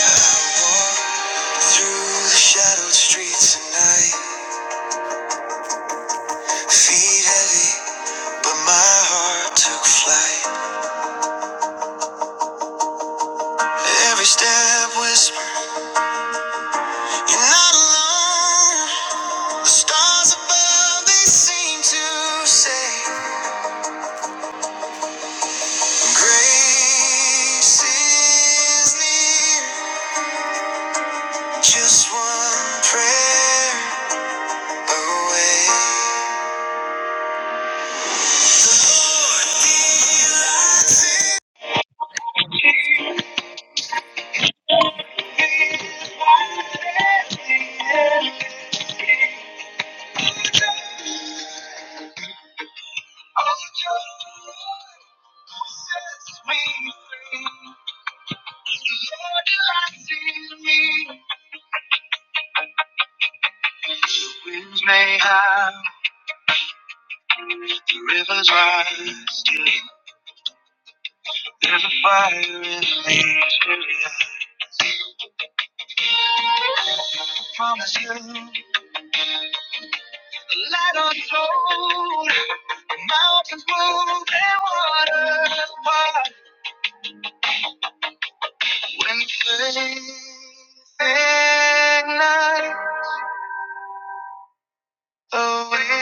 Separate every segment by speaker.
Speaker 1: Walk through the shadowed streets at night, feet heavy, but my heart took flight. Every step whispered, You're not alone. The stars above, they seem to say, Grace is near, just one prayer away. The Lord delights in Ignite the weary.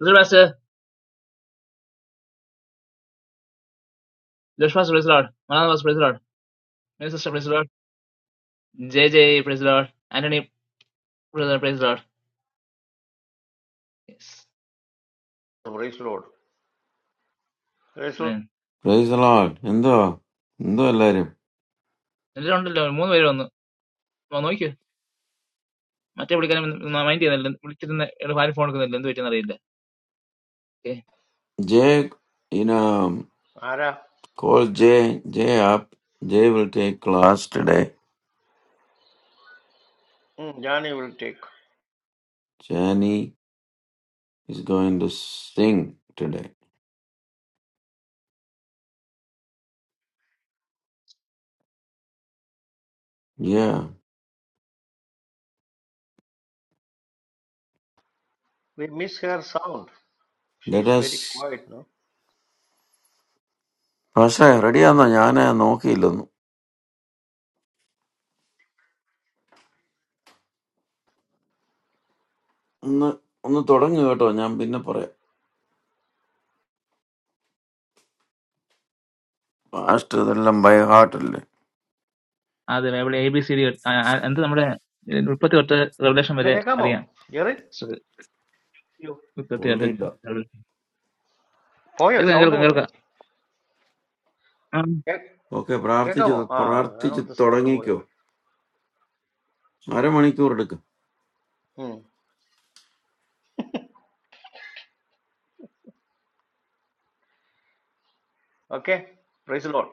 Speaker 1: Reservoir Pastor, Anna was Minister President, J. J. President, Anthony President, President.
Speaker 2: Pray slowly. Slowly.
Speaker 1: ഉം.
Speaker 3: Praise the Lord. Indo, indo allere.
Speaker 1: എല്ലാം ഉണ്ടല്ലോ മൂന്ന് പേര് വന്നു വാ, നോക്കിയോ മറ്റേ വിളിക്കാനും മൈൻഡ് ചെയ്യുന്നില്ല വിളിച്ചിരുന്ന ഇയാള് ഭാര്യ ഫോൺ എടുക്കുന്നില്ല എന്ത് പറ്റിയെന്ന് അറിയില്ല okay
Speaker 3: Jake, you know,
Speaker 2: How
Speaker 3: call Jake. Jake up. Jake will take class today.
Speaker 2: long? It will take.
Speaker 3: Jenny is going to sing today. Yeah.
Speaker 2: We miss her sound. She
Speaker 3: Let
Speaker 2: is
Speaker 3: us.
Speaker 2: very quiet, no?
Speaker 3: अच्छा हरियाणा जाने नौकी लूँ. उन्ह उन्ह तोड़ंगे वटों. जाम बिन्ने परे. पास्ते दल्लम by घाट लल्ले.
Speaker 1: ആദ്യം Bible A B C D എന്ത് നമ്മുടെ ഏ, മുപ്പത്തി തൊട്ട് റെവലേഷൻ
Speaker 2: Who
Speaker 1: വരെ
Speaker 2: is that boy?
Speaker 1: അറിയാം So,
Speaker 2: You.
Speaker 1: മുപ്പത്തി തൊട്ട്
Speaker 3: बोलने डा.
Speaker 1: Revelation.
Speaker 2: Boy,
Speaker 1: കേൾക്കാം
Speaker 2: sound
Speaker 1: കേൾക്കാം
Speaker 2: boy. Who?
Speaker 1: കേൾക്കാം ഉം.
Speaker 3: Okay.
Speaker 2: Who is that
Speaker 3: प्रार्थित
Speaker 2: boy?
Speaker 3: जो
Speaker 2: Ah, I
Speaker 3: प्रार्थित
Speaker 2: know the sound
Speaker 3: तोड़ंगे
Speaker 2: boy.
Speaker 3: क्यों? आरे मनी को रुड़गा.
Speaker 2: Hmm. Okay. Pray slowly.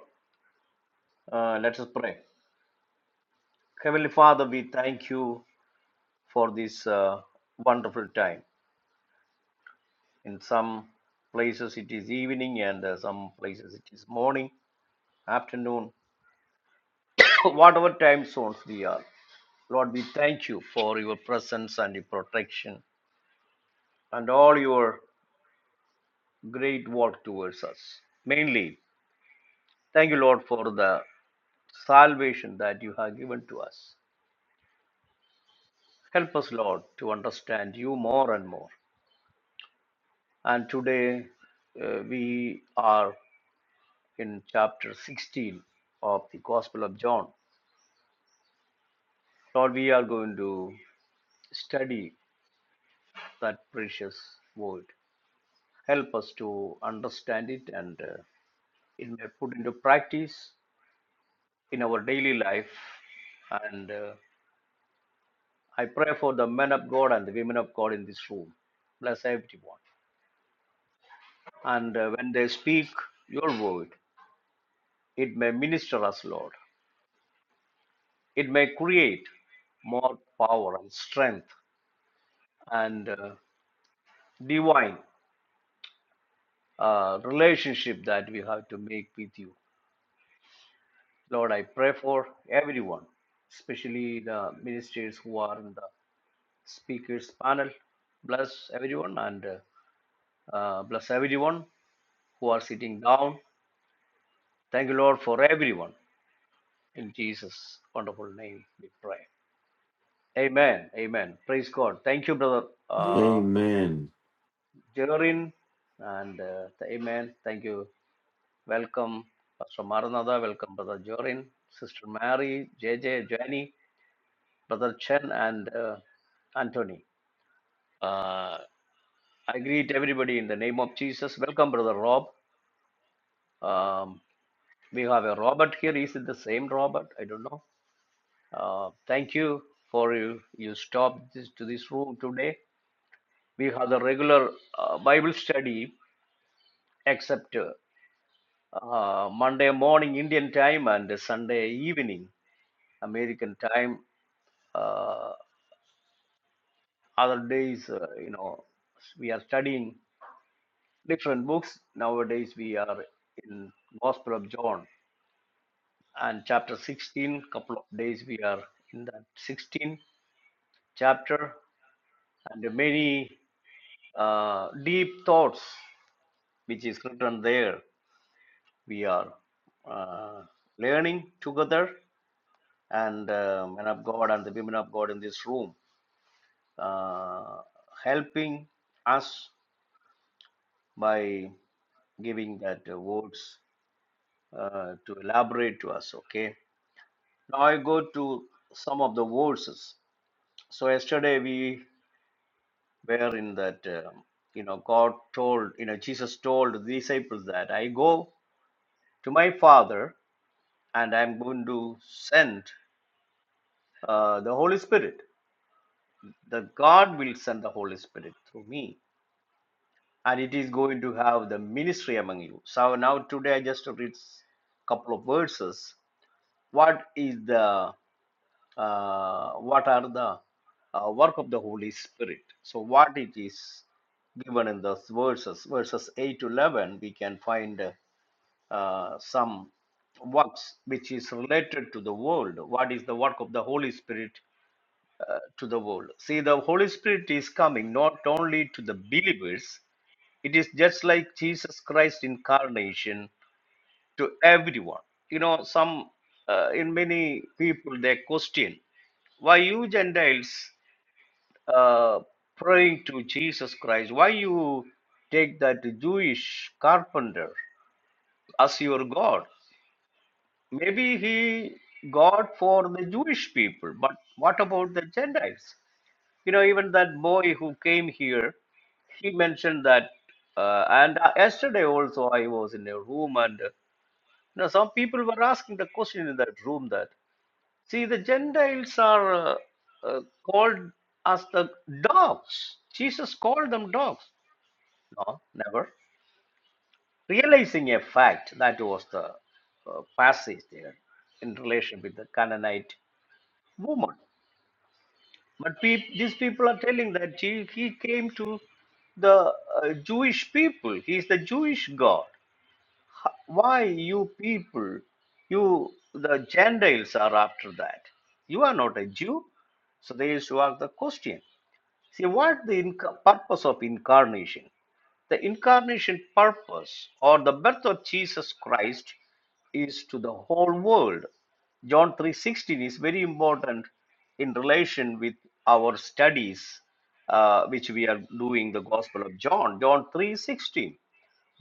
Speaker 2: Let us pray. Heavenly Father, we thank you for this uh, wonderful time. In some places it is evening, and uh, some places it is morning, afternoon. Whatever time zone we are. Lord, we thank you for your presence and your protection and all your great work towards us. Mainly, thank you, Lord, for the salvation that you have given to us. Help us, Lord, to understand you more and more. And today uh, we are in chapter 16 of the Gospel of John. Lord, we are going to study that precious word. Help us to understand it and uh, it may put into practice in our daily life. And uh, I pray for the men of God and the women of God in this room. Bless everyone. And uh, when they speak your word, it may minister us, Lord. It may create more power and strength and uh, divine uh, relationship that we have to make with you. Lord, I pray for everyone, especially the ministers who are in the speakers panel. Bless everyone and uh, uh, bless everyone who are sitting down. Thank you, Lord, for everyone. In Jesus' wonderful name, we pray. Amen. Amen. Praise God. Thank you, brother uh,
Speaker 3: Amen.
Speaker 2: Jerin, and uh, Amen. Thank you. Welcome, Pastor Maranatha. Welcome, brother Jorin, sister Mary, JJ, Jenny, brother Chen, and uh, Anthony. Uh, I greet everybody in the name of Jesus. Welcome, brother Rob. Um, we have a Robert here. Is it the same Robert? I don't know. Uh, thank you for you, you stopped this, to this room today. We have the regular uh, Bible study except uh, uh, Monday morning Indian time and Sunday evening American time. Uh, other days, uh, you know, we are studying different books. Nowadays, we are in Gospel of John and chapter 16. Couple of days we are in that 16 chapter, and many uh, deep thoughts which is written there we are uh, learning together and uh, men of god and the women of god in this room uh, helping us by giving that uh, words uh, to elaborate to us okay now i go to some of the verses so yesterday we were in that um, you know god told you know jesus told the disciples that i go to my father and I'm going to send uh, the Holy Spirit. The God will send the Holy Spirit through me, and it is going to have the ministry among you. So now today I just read a couple of verses. What is the uh, what are the uh, work of the Holy Spirit? So what it is given in those verses, verses eight to eleven, we can find uh, some works which is related to the world. What is the work of the Holy Spirit uh, to the world. See, the Holy Spirit is coming not only to the believers, it is just like Jesus Christ incarnation to everyone. You know, some uh, in many people they question why you Gentiles uh, praying to Jesus Christ? Why you take that Jewish carpenter as your God? Maybe he God for the Jewish people, but what about the Gentiles? You know, even that boy who came here, he mentioned that. Uh, and uh, yesterday also, I was in a room, and uh, you know, some people were asking the question in that room that, see, the Gentiles are uh, uh, called as the dogs. Jesus called them dogs. No, never. Realizing a fact, that was the uh, passage there in relation with the Canaanite woman. But peop, these people are telling that he, he came to the uh, Jewish people. He is the Jewish God. H- Why you people, you the Gentiles are after that? You are not a Jew. So they used to ask the question. See, what the inc- purpose of incarnation? The incarnation purpose or the birth of Jesus Christ is to the whole world. John 3:16 is very important in relation with our studies uh, which we are doing the Gospel of John. John 3:16.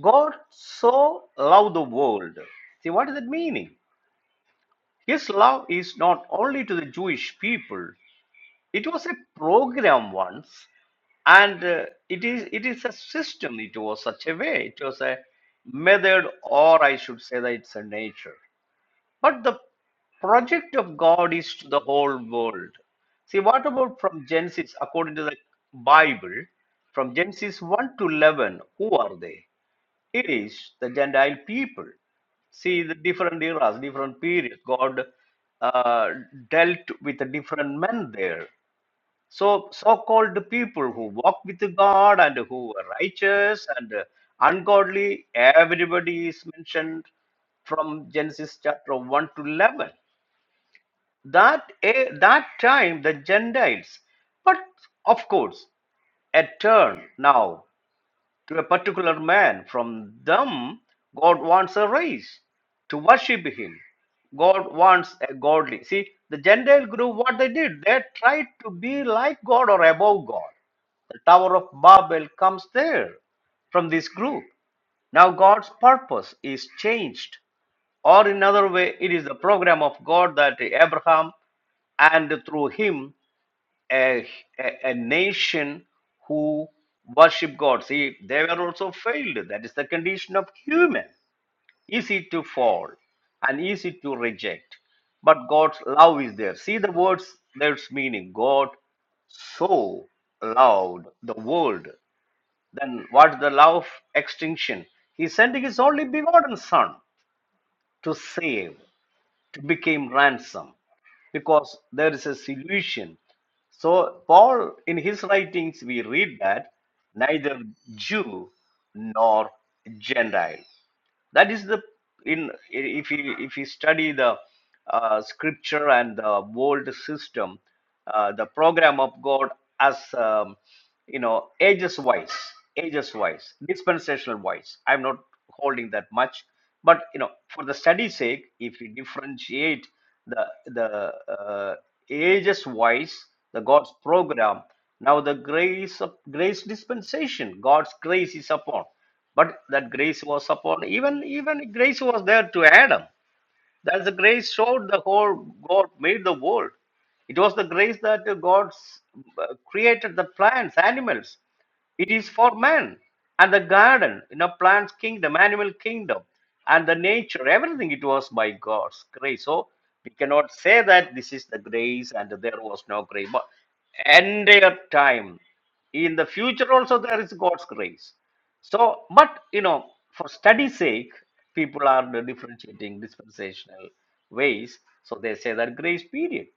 Speaker 2: God so loved the world. See, what is that meaning? His love is not only to the Jewish people, it was a program once, and uh, it is it is a system. It was such a way. It was a method, or I should say that it's a nature. But the project of God is to the whole world. See, what about from Genesis, according to the Bible, from Genesis 1 to 11, who are they? It is the Gentile people. See, the different eras, different periods, God uh, dealt with the different men there. So, so called people who walk with God and who were righteous and uh, ungodly, everybody is mentioned from Genesis chapter 1 to 11. That, eh, that time, the Gentiles, but of course, a turn now to a particular man. From them, God wants a race to worship Him. God wants a godly. See, the Gentile group, what they did, they tried to be like God or above God. The Tower of Babel comes there from this group. Now, God's purpose is changed, or in another way, it is the program of God that Abraham and through him a, a, a nation who worship God. See, they were also failed. That is the condition of human. Easy to fall and easy to reject. But God's love is there. See the words, there's meaning. God so loved the world. Then what's the love of extinction? He's sending his only begotten son to save became ransom because there is a solution. So, Paul, in his writings, we read that neither Jew nor Gentile that is the in if you if you study the uh, scripture and the world system uh, the program of god as um, you know ages wise ages wise dispensational wise i'm not holding that much but you know for the study's sake if we differentiate the the uh, ages wise the god's program now the grace of grace dispensation god's grace is upon but that grace was upon even even grace was there to Adam. That's the grace showed the whole God made the world. It was the grace that God s- uh, created the plants, animals. It is for man and the garden, you know, plants kingdom, animal kingdom, and the nature. Everything it was by God's grace. So we cannot say that this is the grace and there was no grace. But entire time in the future also there is God's grace so, but you know, for study's sake, people are differentiating dispensational ways. So they say that grace period.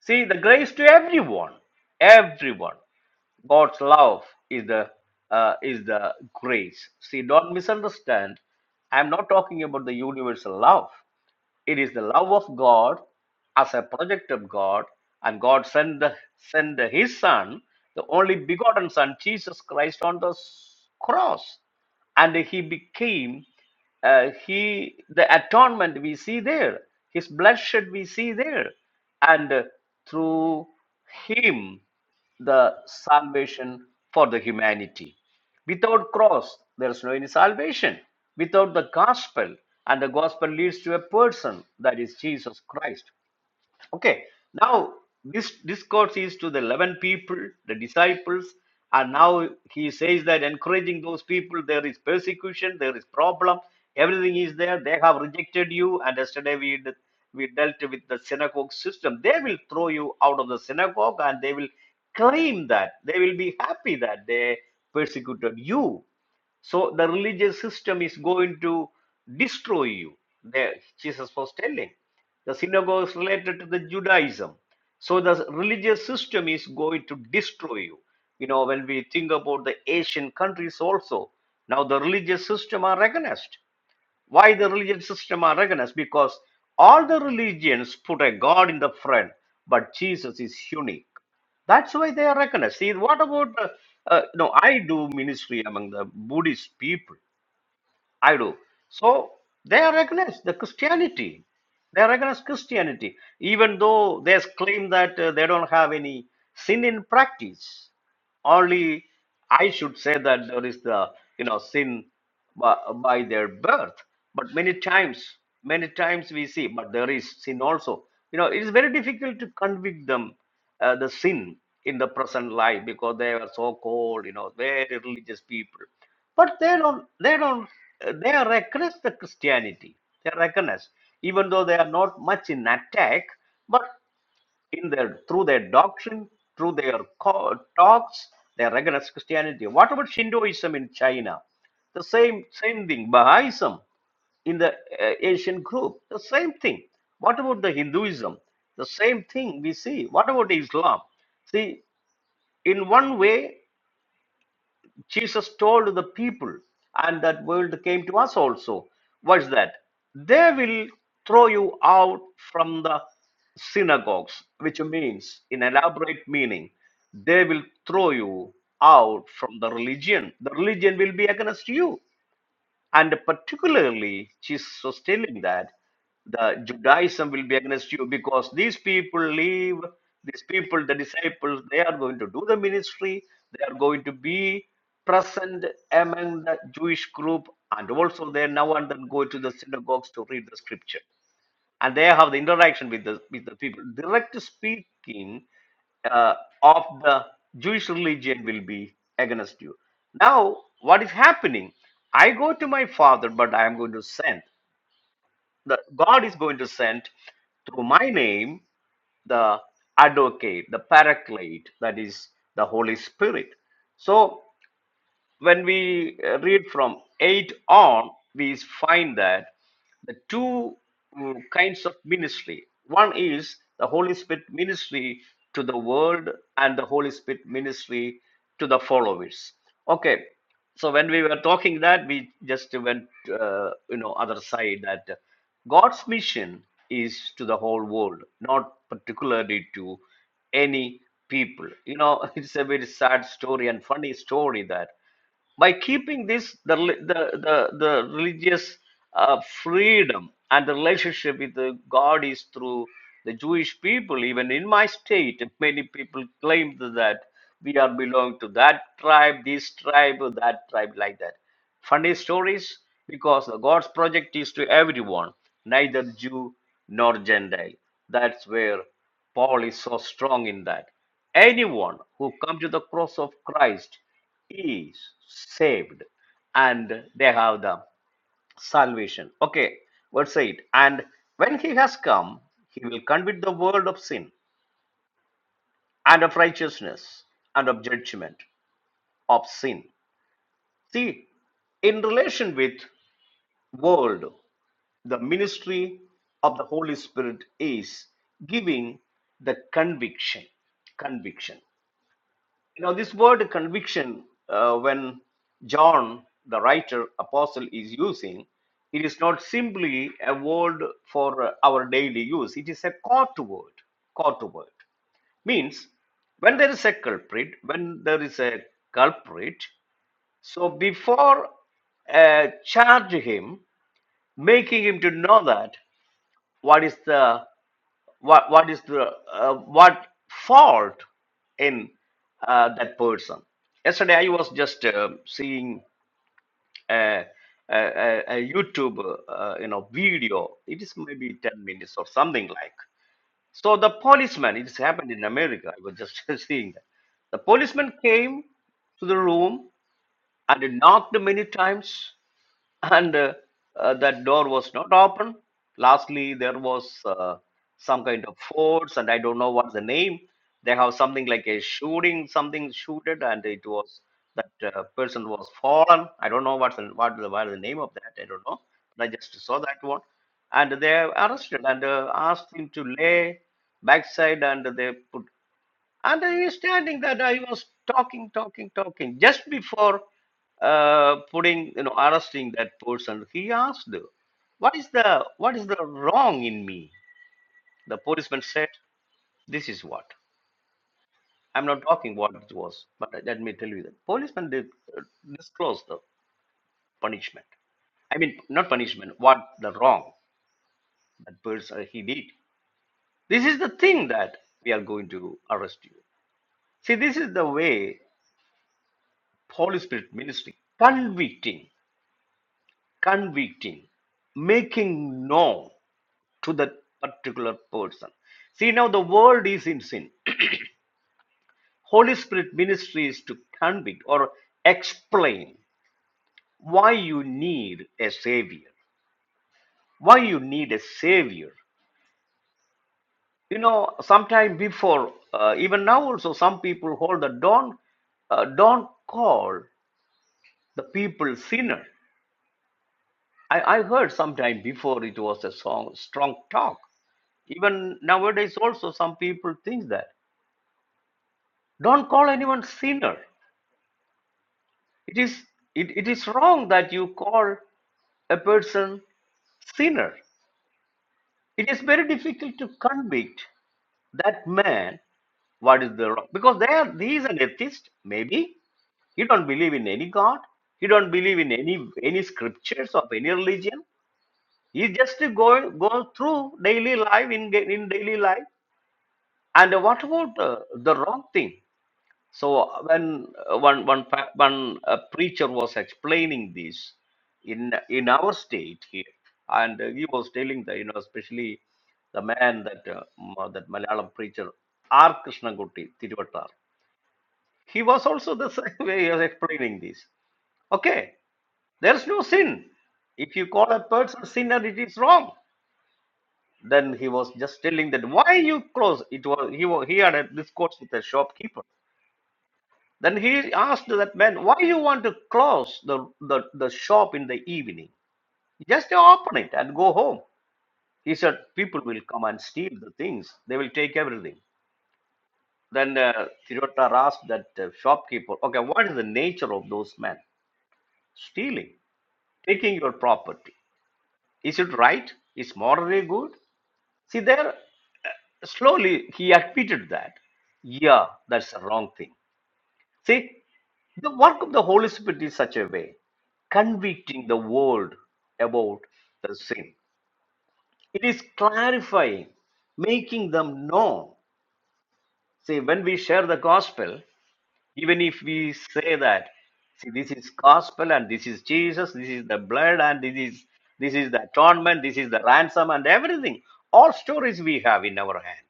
Speaker 2: See, the grace to everyone, everyone. God's love is the uh, is the grace. See, don't misunderstand. I'm not talking about the universal love. It is the love of God as a project of God, and God sent the, sent the- His Son, the only begotten Son, Jesus Christ, on the s- cross, and He became uh, He the atonement we see there, His bloodshed we see there, and uh, through Him the salvation for the humanity. Without cross, there is no any salvation. Without the gospel, and the gospel leads to a person, that is Jesus Christ. Okay, now this discourse is to the 11 people, the disciples, and now he says that encouraging those people, there is persecution, there is problem, everything is there. They have rejected you, and yesterday we did, we dealt with the synagogue system. They will throw you out of the synagogue, and they will claim that they will be happy that they persecuted you. So the religious system is going to destroy you. There, Jesus was telling. The synagogue is related to the Judaism. So the religious system is going to destroy you. You know, when we think about the Asian countries also, now the religious system are recognized. Why the religion system are recognized? Because all the religions put a God in the front, but Jesus is unique. That's why they are recognized. See, what about uh, uh, no? I do ministry among the Buddhist people. I do. So they are against the Christianity. They are against Christianity, even though they claim that uh, they don't have any sin in practice. Only I should say that there is the you know sin by, by their birth. But many times, many times we see, but there is sin also. You know, it is very difficult to convict them uh, the sin in the present life because they are so cold. You know, very religious people but they don't, they don't, uh, they recognize the Christianity. They recognize, even though they are not much in attack, but in their through their doctrine, through their talks, they recognize Christianity. What about Shintoism in China? The same same thing. Baha'ism in the uh, Asian group, the same thing. What about the Hinduism? The same thing we see. What about Islam? See, in one way. Jesus told the people, and that word came to us also. What is that? They will throw you out from the synagogues, which means, in elaborate meaning, they will throw you out from the religion. The religion will be against you. And particularly, she's sustaining that the Judaism will be against you because these people leave, these people, the disciples, they are going to do the ministry, they are going to be present among the Jewish group, and also they now and then go to the synagogues to read the scripture and they have the interaction with the with the people. Direct speaking uh, of the Jewish religion will be against you. Now, what is happening? I go to my father, but I am going to send. The God is going to send through my name the advocate, the paraclete, that is the Holy Spirit. So when we uh, read from 8 on, we find that the two mm, kinds of ministry. One is the Holy Spirit ministry to the world, and the Holy Spirit ministry to the followers. Okay, so when we were talking that, we just went, uh, you know, other side that God's mission is to the whole world, not particularly to any people. You know, it's a very sad story and funny story that by keeping this the rel- the the, the religious uh, freedom and the relationship with the god is through the jewish people even in my state many people claim that we are belong to that tribe this tribe or that tribe like that funny stories because the god's project is to everyone neither jew nor gentile that's where paul is so strong in that anyone who comes to the cross of christ is saved and they have the salvation. Okay, verse 8. And when he has come, he will convict the world of sin and of righteousness and of judgment of sin. See, in relation with world, the ministry of the Holy Spirit is giving the conviction. Conviction. You know, this word conviction, uh, when John, the writer, apostle, is using, it is not simply a word for uh, our daily use. It is a court word. Court word means when there is a culprit, when there is a culprit, so before uh, charge him, making him to know that what is the what what is the uh, what fault in uh, that person yesterday i was just uh, seeing a, a, a a youtube uh, you know video it is maybe 10 minutes or something like so the policeman It happened in america i was just seeing that the policeman came to the room and knocked many times and uh, uh, that door was not open. Lastly, there was uh, some kind of force, and I don't know what's the name. They have something like a shooting, something shooted, and it was that uh, person was fallen. I don't know what's the, what the what is the name of that. I don't know. But I just saw that one, and they arrested and uh, asked him to lay backside, and they put understanding that I was talking, talking, talking. Just before uh, putting, you know, arresting that person, he asked, "What is the what is the wrong in me?" The policeman said, "This is what." I'm not talking what it was, but let me tell you that policeman did uh, disclose the punishment. I mean, not punishment. What the wrong that person uh, he did. This is the thing that we are going to arrest you. See, this is the way Holy Spirit ministry convicting. convicting, making known to that particular person. See, now the world is in sin. Holy Spirit ministry is to convict or explain why you need a savior, why you need a savior. You know, sometime before, uh, even now also, some people hold the don't uh, don't call the people sinner. I, I heard sometime before it was a song, strong talk. Even nowadays also, some people think that. Don't call anyone sinner. It is it, it is wrong that you call a person sinner. It is very difficult to convict that man what is the wrong because they are he is an atheist, maybe. He don't believe in any God. He don't believe in any any scriptures of any religion. He just go go through daily life in in daily life. And what about uh, the wrong thing? So when uh, one one pa- one uh, preacher was explaining this in in our state here, and uh, he was telling the you know especially the man that uh, ma- that Malayalam preacher R Krishnankuti Tiruvattar, he was also the same way he was explaining this. Okay, there's no sin. If you call a person sinner, it is wrong. Then he was just telling that why you close it was he wa- he had a discourse with a shopkeeper Then he asked that man, why you want to close the, the, the shop in the evening? Just open it and go home. He said, people will come and steal the things. They will take everything. Then uh, Tirotar asked that uh, shopkeeper, okay, what is the nature of those men? Stealing, taking your property. Is it right? Is morally good? See there, uh, slowly he admitted that, yeah, that's the wrong thing. See, the work of the Holy Spirit is such a way, convicting the world about the sin. It is clarifying, making them know. See, when we share the gospel, even if we say that, see, this is gospel and this is Jesus, this is the blood and this is this is the atonement, this is the ransom and everything. All stories we have in our hand,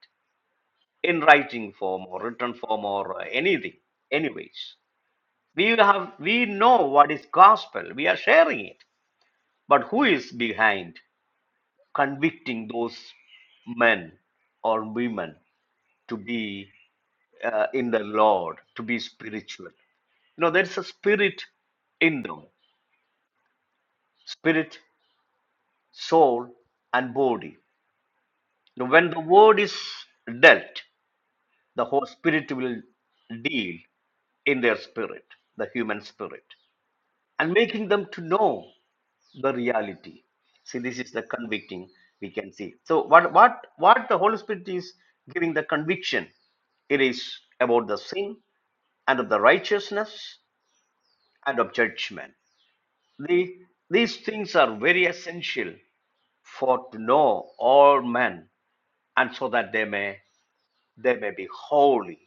Speaker 2: in writing form or written form or uh, anything, anyways. we have we know what is gospel we are sharing it but who is behind convicting those men or women to be uh, in the lord to be spiritual you know there's a spirit in them spirit soul and body you know, when the word is dealt the whole spirit will deal in their spirit the human spirit and making them to know the reality. See, this is the convicting we can see. So what what what the Holy Spirit is giving the conviction? It is about the sin and of the righteousness and of judgment. The, these things are very essential for to know all men and so that they may they may be holy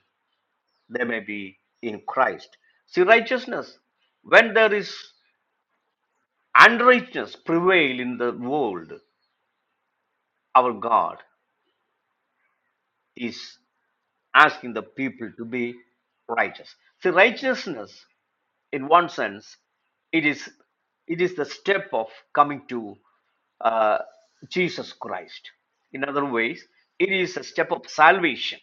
Speaker 2: they may be in christ see righteousness when there is unrighteousness prevail in the world our god is asking the people to be righteous. See, righteousness, in one sense, it is it is the step of coming to uh, Jesus Christ. In other ways, it is a step of salvation.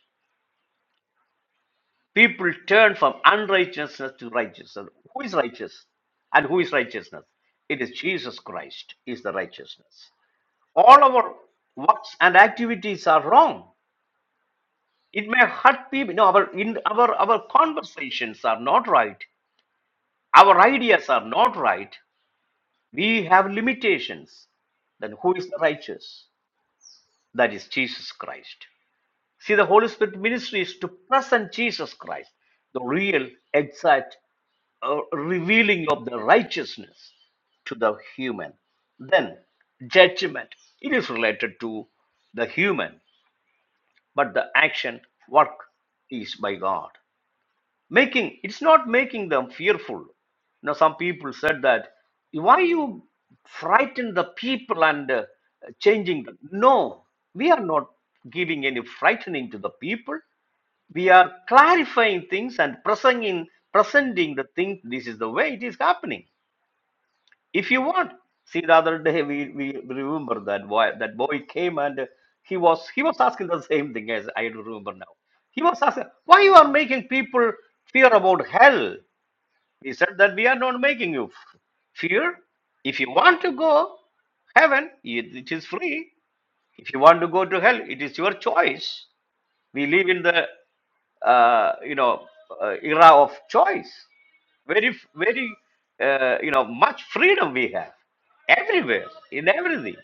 Speaker 2: People turn from unrighteousness to righteousness. Who is righteous? And who is righteousness? It is Jesus Christ is the righteousness. All our works and activities are wrong. it may hurt people no our in our our conversations are not right our ideas are not right we have limitations then who is the righteous that is jesus christ see the holy spirit ministry is to present jesus christ the real exact uh, revealing of the righteousness to the human then judgment it is related to the human but the action work is by god making it's not making them fearful you know some people said that why you frighten the people and uh, changing them no we are not giving any frightening to the people we are clarifying things and presenting presenting the thing this is the way it is happening if you want see the other day we we remember that boy that boy came and he was he was asking the same thing as i remember now he was asking why you are making people fear about hell he said that we are not making you f- fear if you want to go heaven it it is free if you want to go to hell it is your choice we live in the uh, you know uh, era of choice. Very very uh, you know much freedom we have everywhere in everything.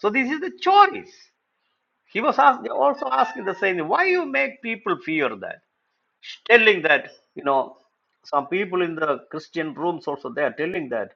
Speaker 2: So this is the choice. He was ask, also asking the same. thing. Why you make people fear that? Telling that you know some people in the Christian rooms also they are telling that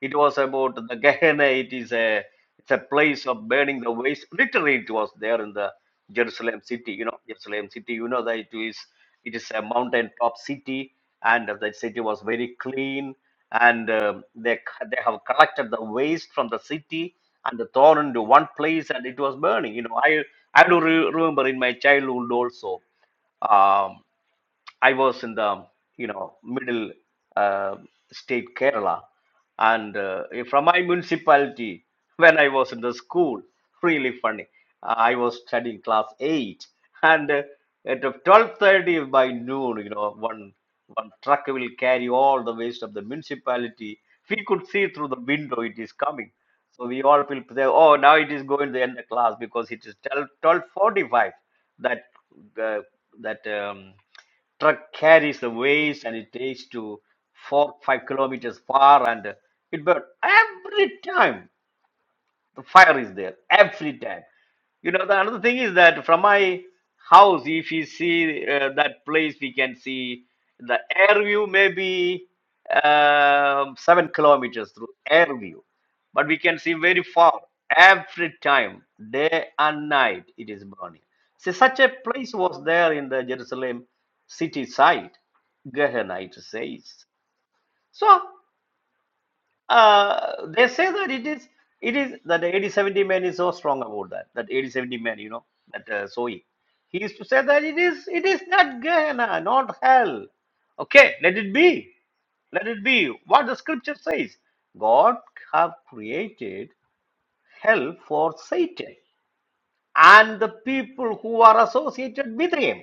Speaker 2: it was about the Gehenna. It is a it's a place of burning the waste. Literally, it was there in the Jerusalem city. You know, Jerusalem city. You know that it is it is a mountain top city, and the city was very clean. And um they they have collected the waste from the city and thrown into one place, and it was burning. You know, I I do re- remember in my childhood also. Um, I was in the you know middle uh, state Kerala, and uh, from my municipality when I was in the school, really funny. I was studying class eight, and uh, at twelve thirty by noon, you know, one one truck will carry all the waste of the municipality. We could see through the window it is coming. So we all will say, oh, now it is going to the end of class because it is 12, 12.45 that uh, that um, truck carries the waste and it takes to four five kilometers far and it burns every time the fire is there every time. You know, the another thing is that from my house, if you see uh, that place, we can see the air view maybe um, seven kilometers through air view, but we can see very far every time, day and night, it is burning. See, such a place was there in the Jerusalem city side, Gehenna, it says. So uh, they say that it is it is that the 8070 man is so strong about that that 8070 man you know that uh, Sohi he used to say that it is it is not Gehenna not hell okay let it be let it be what the scripture says God have created hell for Satan and the people who are associated with him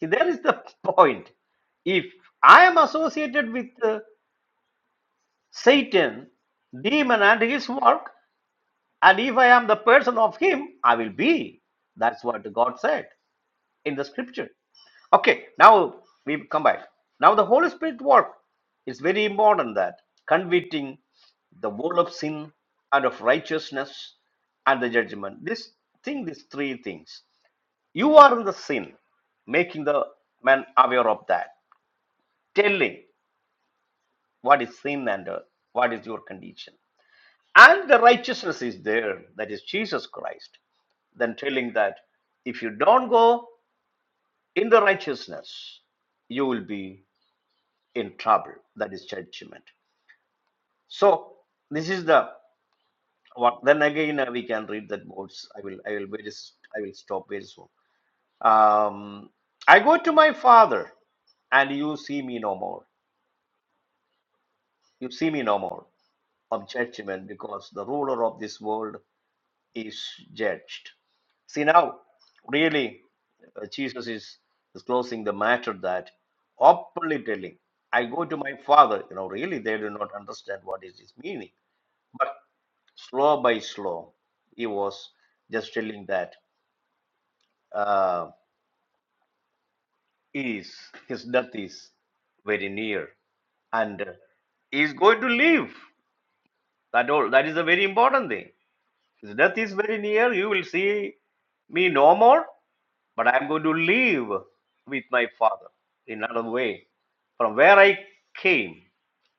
Speaker 2: see there is the point if I am associated with uh, Satan demon and his work And if I am the person of Him, I will be. That's what God said in the scripture. Okay, now we come back. Now the Holy Spirit work is very important that convicting the world of sin and of righteousness and the judgment. This thing, these three things. You are in the sin, making the man aware of that, telling what is sin and uh, what is your condition. and the righteousness is there, that is Jesus Christ, then telling that if you don't go in the righteousness, you will be in trouble. That is judgment. So this is the what. Then again, uh, we can read that words. I will. I will very. s- I will stop very soon. Um, I go to my father, and you see me no more. You see me no more of judgment, because the ruler of this world is judged. See, now, really, uh, Jesus is disclosing the matter that openly telling, I go to my father. You know, really, they do not understand what is his meaning. But slow by slow, he was just telling that uh, is his death is very near and uh, he is going to live. That all. That is a very important thing. His death is very near. You will see me no more, but I am going to live with my Father in another way. From where I came,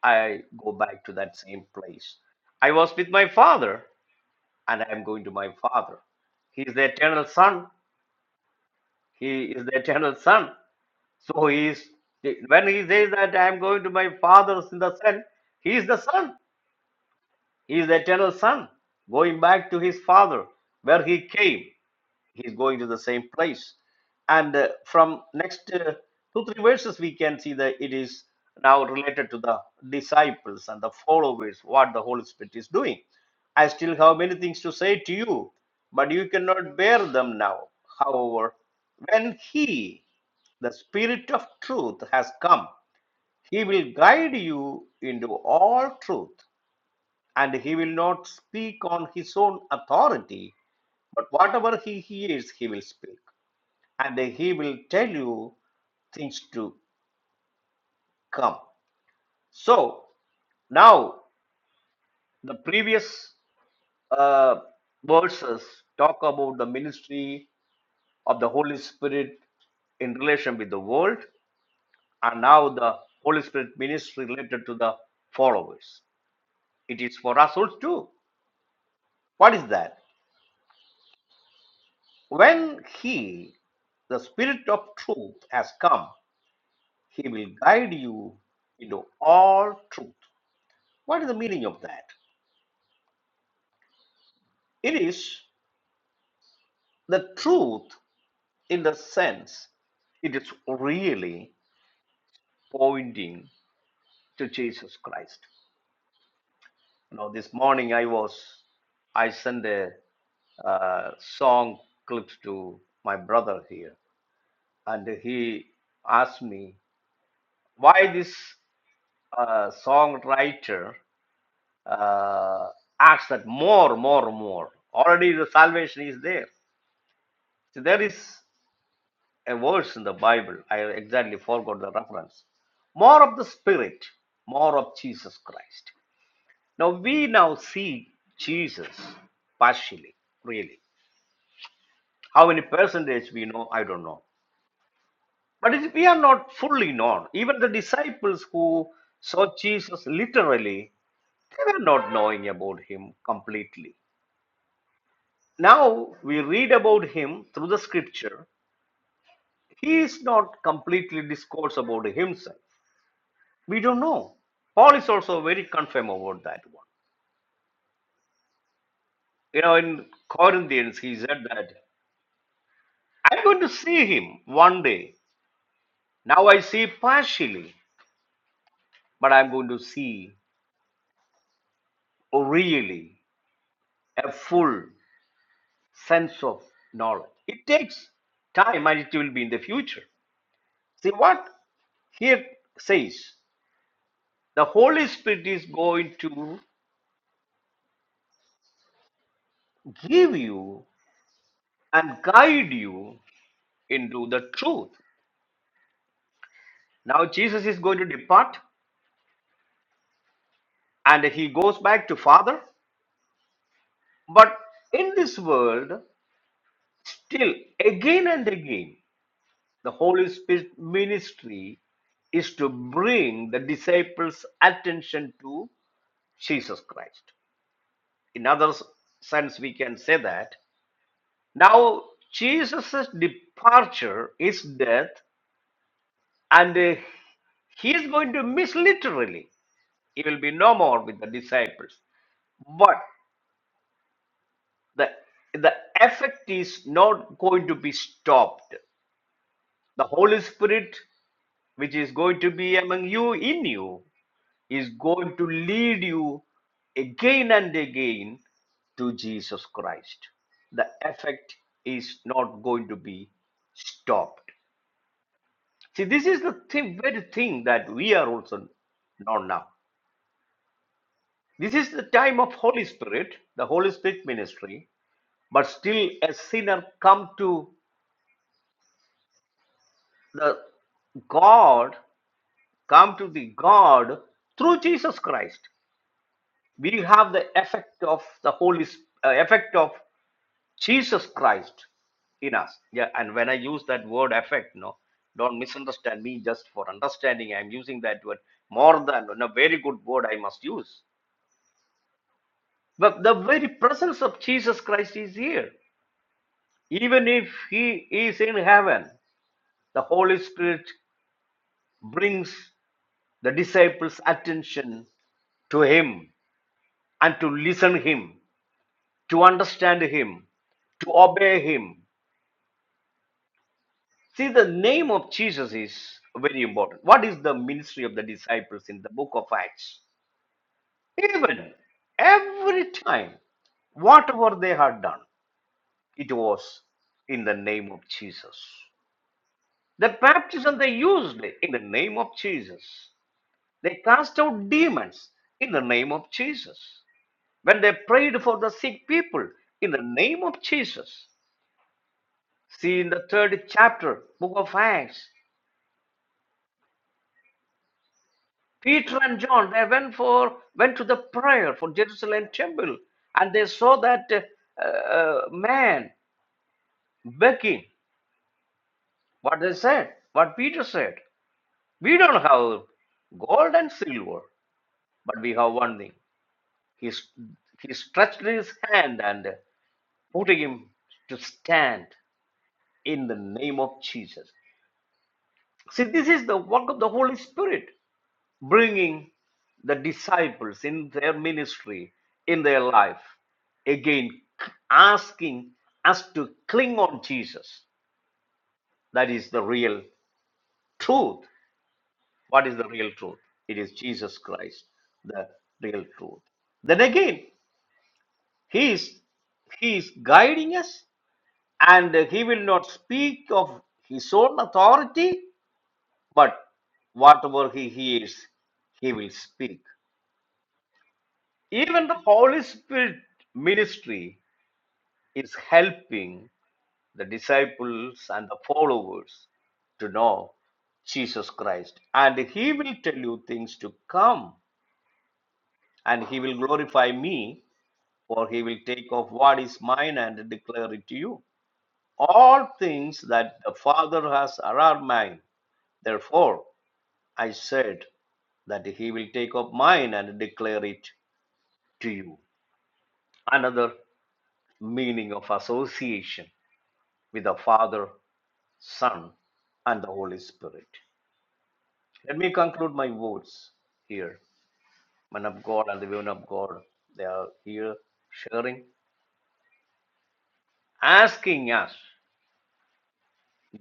Speaker 2: I go back to that same place. I was with my Father, and I am going to my Father. He is the eternal Son. He is the eternal Son. So he is. When he says that I am going to my Father in the Son, he is the Son. He is the eternal Son, going back to his Father where he came. he's going to the same place and uh, from next uh, two three verses we can see that it is now related to the disciples and the followers what the holy spirit is doing i still have many things to say to you but you cannot bear them now however when he the spirit of truth has come he will guide you into all truth and he will not speak on his own authority but whatever he hears he will speak and he will tell you things to come. So now the previous uh, verses talk about the ministry of the Holy Spirit in relation with the world, and now the Holy Spirit ministry related to the followers. It is for us also too. What is that? When He, the Spirit of truth, has come, He will guide you into all truth. What is the meaning of that? It is the truth in the sense it is really pointing to Jesus Christ. You know, this morning I was, I sent a uh, song clips to my brother here, and he asked me why this uh, songwriter uh, asks that more, more, more. Already the salvation is there. So there is. a verse in the Bible. I exactly forgot the reference. More of the Spirit, more of Jesus Christ. Now we now see Jesus partially, really. How many percentage we know, I don't know. But it- we are not fully known. Even the disciples who saw Jesus literally, they were not knowing about him completely. Now we read about him through the scripture. He is not completely discourse about himself. We don't know. Paul is also very confirm about that one. You know, in Corinthians, he said that I'm going to see him one day. Now I see partially, but I'm going to see really a full sense of knowledge. It takes time and it will be in the future. See what here says the Holy Spirit is going to give you and guide you into the truth. Now Jesus is going to depart and he goes back to father but in this world still again and again the holy spirit ministry is to bring the disciples attention to jesus christ in other s- sense we can say that now jesus' departure is death and uh, he is going to miss literally he will be no more with the disciples the the effect is not going to be stopped the holy spirit which is going to be among you in you is going to lead you again and again to jesus christ the effect is not going to be stopped see this is the thi- very thing that we are also not now this is the time of holy spirit the holy spirit ministry but still a sinner come to the God come to the God through Jesus Christ. We have the effect of the Holy Sp- uh, effect of Jesus Christ in us. Yeah, and when I use that word effect, no, don't misunderstand me. Just for understanding, I'm using that word more than a very good word I must use. But the very presence of Jesus Christ is here. Even if he is in heaven, the Holy Spirit brings the disciples' attention to him and to listen him to understand him to obey him see the name of jesus is very important what is the ministry of the disciples in the book of acts even every time whatever they had done it was in the name of jesus the baptism they used in the name of jesus they cast out demons in the name of jesus when they prayed for the sick people in the name of jesus See in the third chapter, book of Acts, Peter and John they went for went to the prayer for Jerusalem temple, and they saw that uh, uh, man begging. What they said, what Peter said, we don't have gold and silver, but we have one thing. He he stretched his hand and putting him to stand in the name of Jesus. See, this is the work of the Holy Spirit. bringing the disciples in their ministry, in their life, again asking us to cling on Jesus. That is the real truth. What is the real truth? It is Jesus Christ, the real truth. Then again, He is He is guiding us, and He will not speak of His own authority, but whatever He hears, He will speak. even the holy spirit ministry is helping the disciples and the followers to know jesus christ and he will tell you things to come and he will glorify me for he will take off what is mine and declare it to you all things that the father has are mine therefore i said that he will take up mine and declare it to you. Another meaning of association. with the Father, Son, and the Holy Spirit. Let me conclude my words here. Men of God and the women of God, they are here sharing, asking us.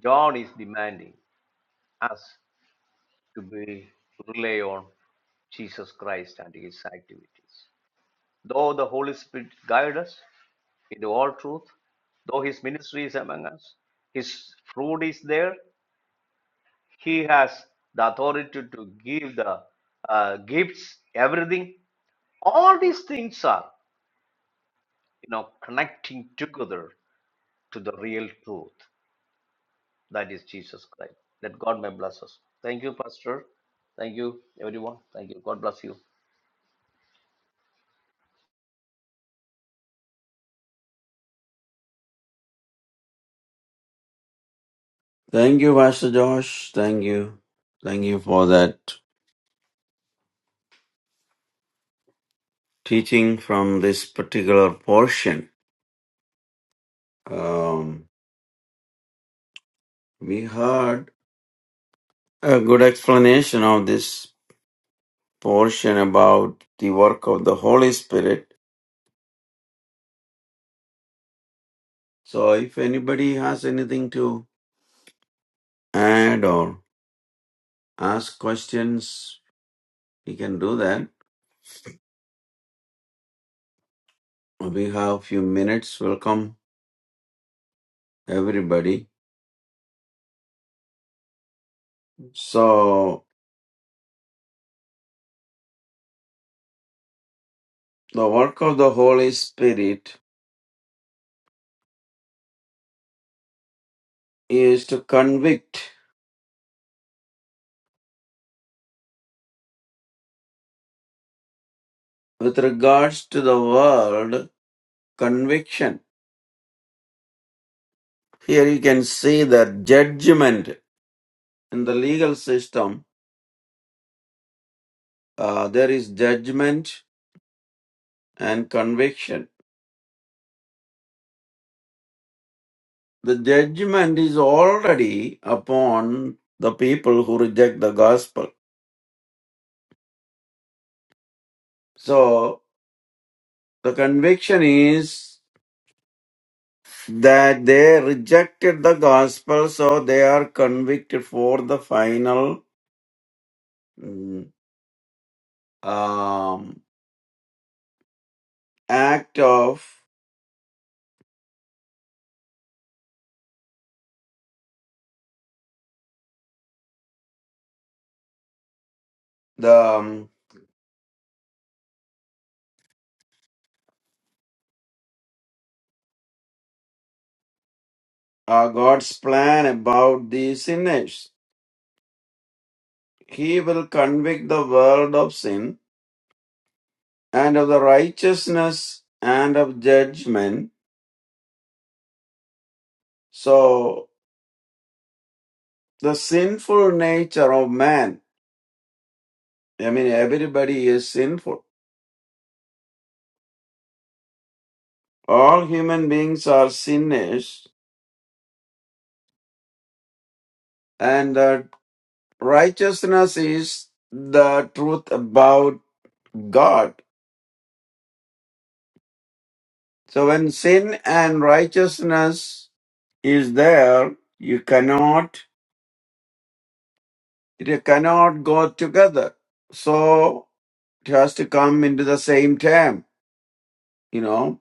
Speaker 2: John is demanding us to be rely on Jesus Christ and his activities. Though the Holy Spirit guide us into all truth, though his ministry is among us, his fruit is there, he has the authority to give the uh, gifts everything all these things are you know connecting together to the real truth that is jesus christ that god may bless us thank you pastor thank you everyone thank you god bless you
Speaker 3: Thank you, Pastor Josh. Thank you. Thank you for that teaching from this particular portion. Um, we heard a good explanation of this portion about the work of the Holy Spirit. So if anybody has anything to add or ask questions, you can do that. We have a few minutes. Welcome everybody. So the work of the Holy Spirit is to convict with regards to the word conviction, here you can see that judgment in the legal system, uh, there is judgment and conviction. The judgment is already upon the people who reject the gospel. So the conviction is that they rejected the gospel, so they are convicted for the final mm, um, act of the um, are God's plan about the sinners. He will convict the world of sin and of the righteousness and of judgment. So the sinful nature of man, I mean, everybody is sinful. All human beings are sinners and the righteousness is the truth about God. So when sin and righteousness is there, you cannot It cannot go together. So it has to come into the same term. You know,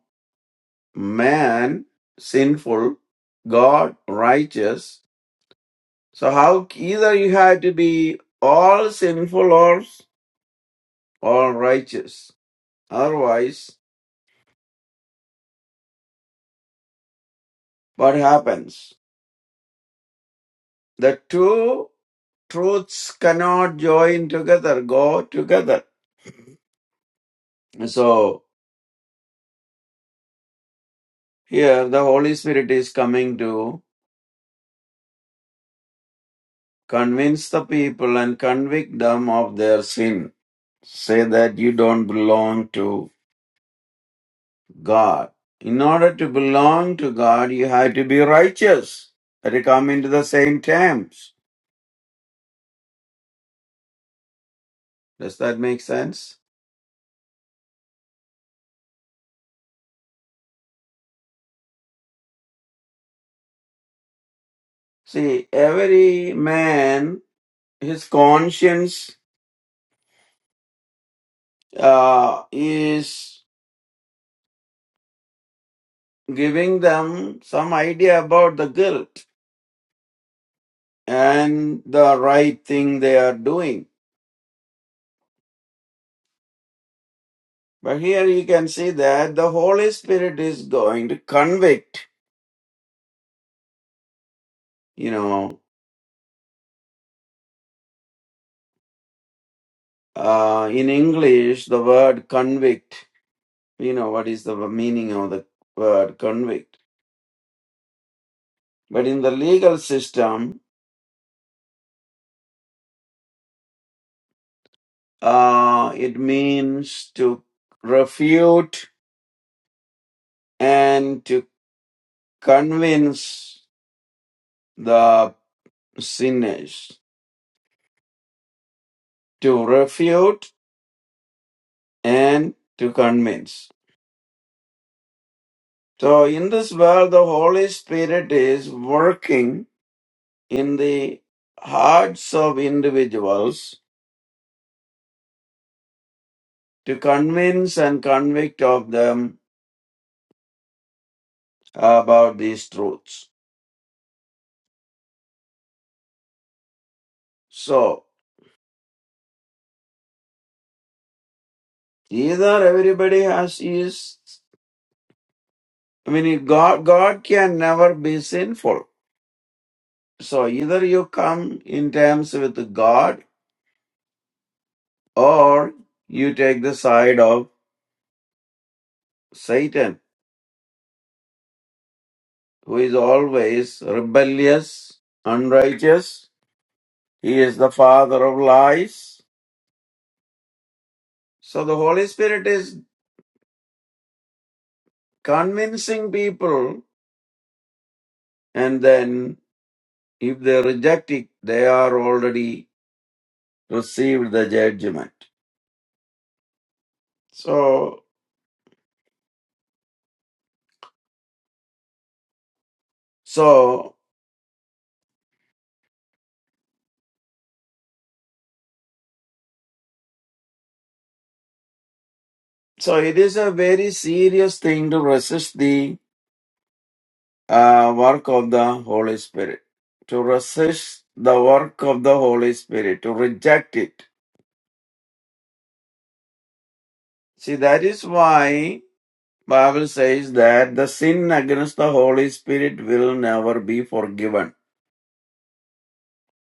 Speaker 3: man, sinful, God, righteous. So how either you have to be all sinful or all righteous. Otherwise, what happens? The two truths cannot join together, go together. So here the Holy Spirit is coming to Convince the people and convict them of their sin. Say that you don't belong to God. In order to belong to God, you have to be righteous. That you come into the same terms. Does that make sense? See, every man, his conscience uh, is giving them some idea about the guilt and the right thing they are doing. But here you can see that the Holy Spirit is going to convict. You know, uh, in English, the word convict, you know, what is the meaning of the word convict? But in the legal system, uh, it means to refute and to convince the sinners. To refute and to convince. So in this world, the Holy Spirit is working in the hearts of individuals to convince and convict of them about these truths. So either everybody has is I mean God God can never be sinful. So either you come in terms with God or you take the side of Satan, who is always rebellious, unrighteous. He is the father of lies. So the Holy Spirit is convincing people, and then if they reject it, they are already received the judgment. So, so, so it is a very serious thing to resist the uh, work of the Holy Spirit, to resist the work of the Holy Spirit, to reject it. See, that is why Bible says that the sin against the Holy Spirit will never be forgiven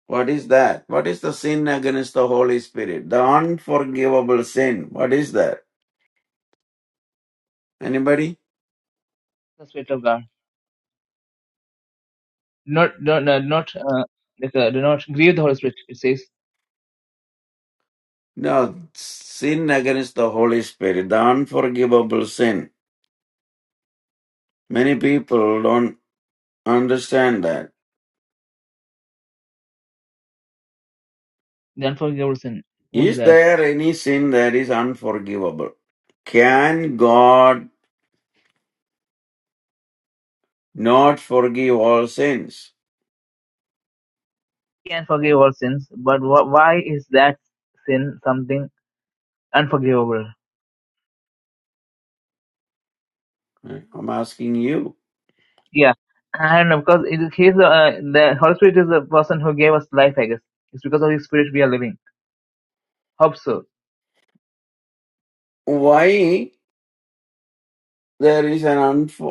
Speaker 3: What is that? What is the sin against the Holy Spirit? The unforgivable sin. What is that? Anybody?
Speaker 1: The Spirit of God. Do not do not uh, do not, uh, like, uh, do not grieve the Holy Spirit. It says
Speaker 3: No, sin against the Holy Spirit, the unforgivable sin. Many people don't understand that.
Speaker 1: the unforgivable sin. What's
Speaker 3: Is
Speaker 1: that?
Speaker 3: there any sin that is unforgivable? Can God not forgive all sins?
Speaker 1: He can forgive all sins, but wh- why is that sin something unforgivable?
Speaker 3: I'm asking you.
Speaker 1: Yeah, and of course, it, he's the, uh, the Holy Spirit is the person who gave us life. I guess it's because of His Spirit we are living. Hope so.
Speaker 3: Why There is an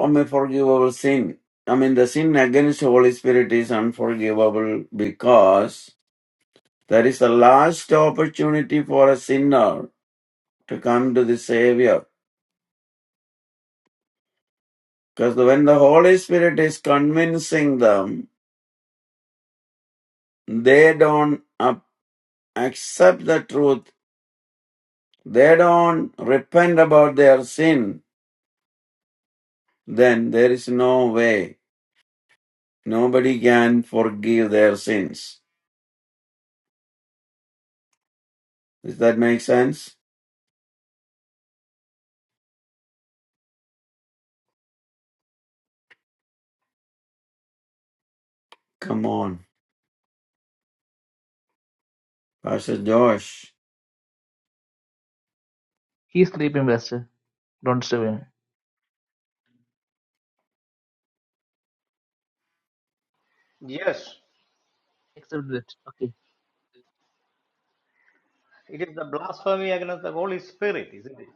Speaker 3: unforgivable sin. I mean, the sin against the Holy Spirit is unforgivable because there is a last opportunity for a sinner to come to the Savior. Because when the Holy Spirit is convincing them, they don't up- accept the truth, they don't repent about their sin, then there is no way. Nobody can forgive their sins. Does that make sense? Come on. Pastor Josh.
Speaker 1: He's sleeping, Pastor. Don't disturb him.
Speaker 2: yes
Speaker 1: Accept it. Okay.
Speaker 2: it is the blasphemy against the holy spirit isn't it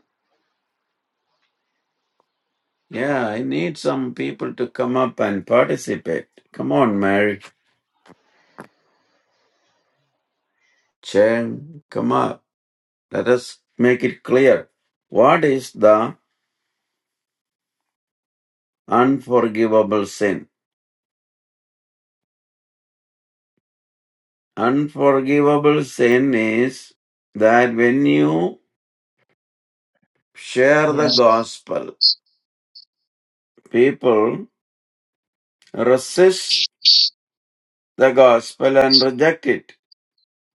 Speaker 3: Yeah, I need some people to come up and participate. Come on, Mary. Chen, come up. Let us make it clear. What is the unforgivable sin? Unforgivable sin is that when you share
Speaker 1: Yeah.
Speaker 3: the gospel, people resist the gospel and reject it.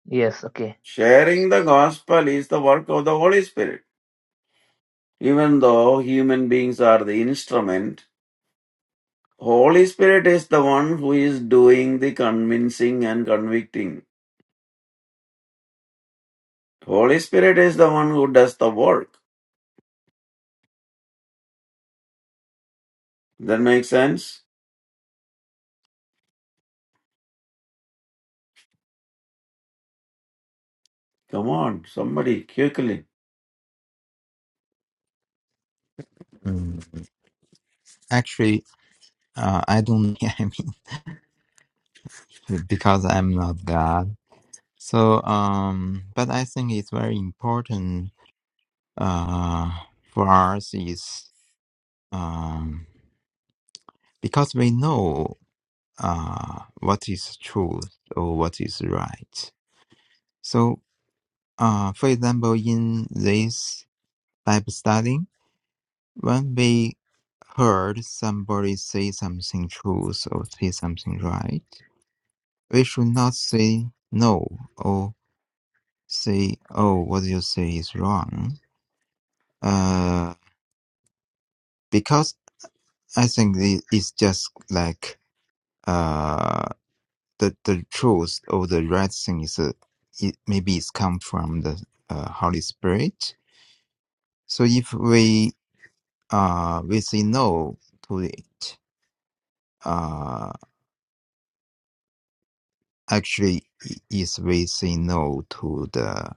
Speaker 1: Yes. Okay.
Speaker 3: Sharing the gospel is the work of the Holy Spirit. Even though human beings are the instrument, Holy Spirit is the one who is doing the convincing and convicting. Holy Spirit is the one who does the work. That makes sense? Come on, somebody, quickly.
Speaker 4: Mm, Actually, uh, I don't. I mean, because I'm not God. So, um, but I think it's very important uh, for us is um, because we know uh, what is truth or what is right. So, uh, for example, in this Bible study, when we heard somebody say something truth or say something right We should not say no or say, oh, what you say is wrong. Uh, because I think it- it's just like uh, the, the truth or the right thing is uh, it, maybe it's come from the uh, Holy Spirit. So if we uh, we say no to it, uh, actually i- is we say no to the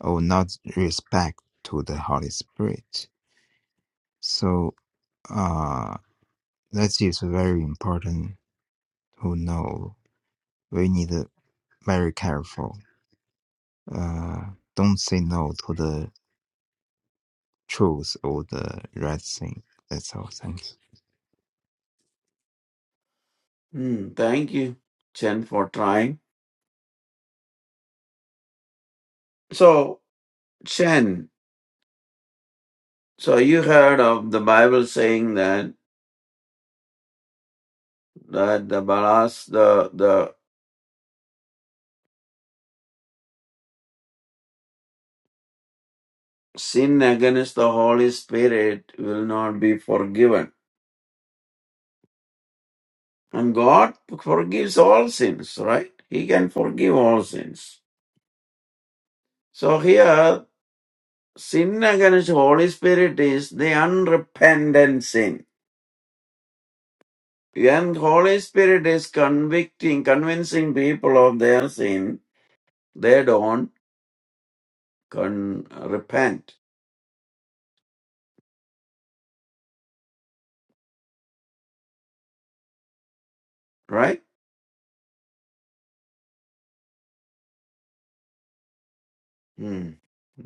Speaker 4: or not respect to the Holy Spirit. So Uh, that is very important to know. We need to very careful. Uh, don't say no to the truth or the right thing. That's all. Thank you.
Speaker 3: Hmm, thank you, Chen, for trying. So, Chen, so you heard of the Bible saying that that the balas, the the sin against the Holy Spirit will not be forgiven. And God forgives all sins, right? He can forgive all sins. So here, sin against Holy Spirit is the unrepentant sin. And Holy Spirit is convicting, convincing people of their sin. They don't con- repent, right? Hmm.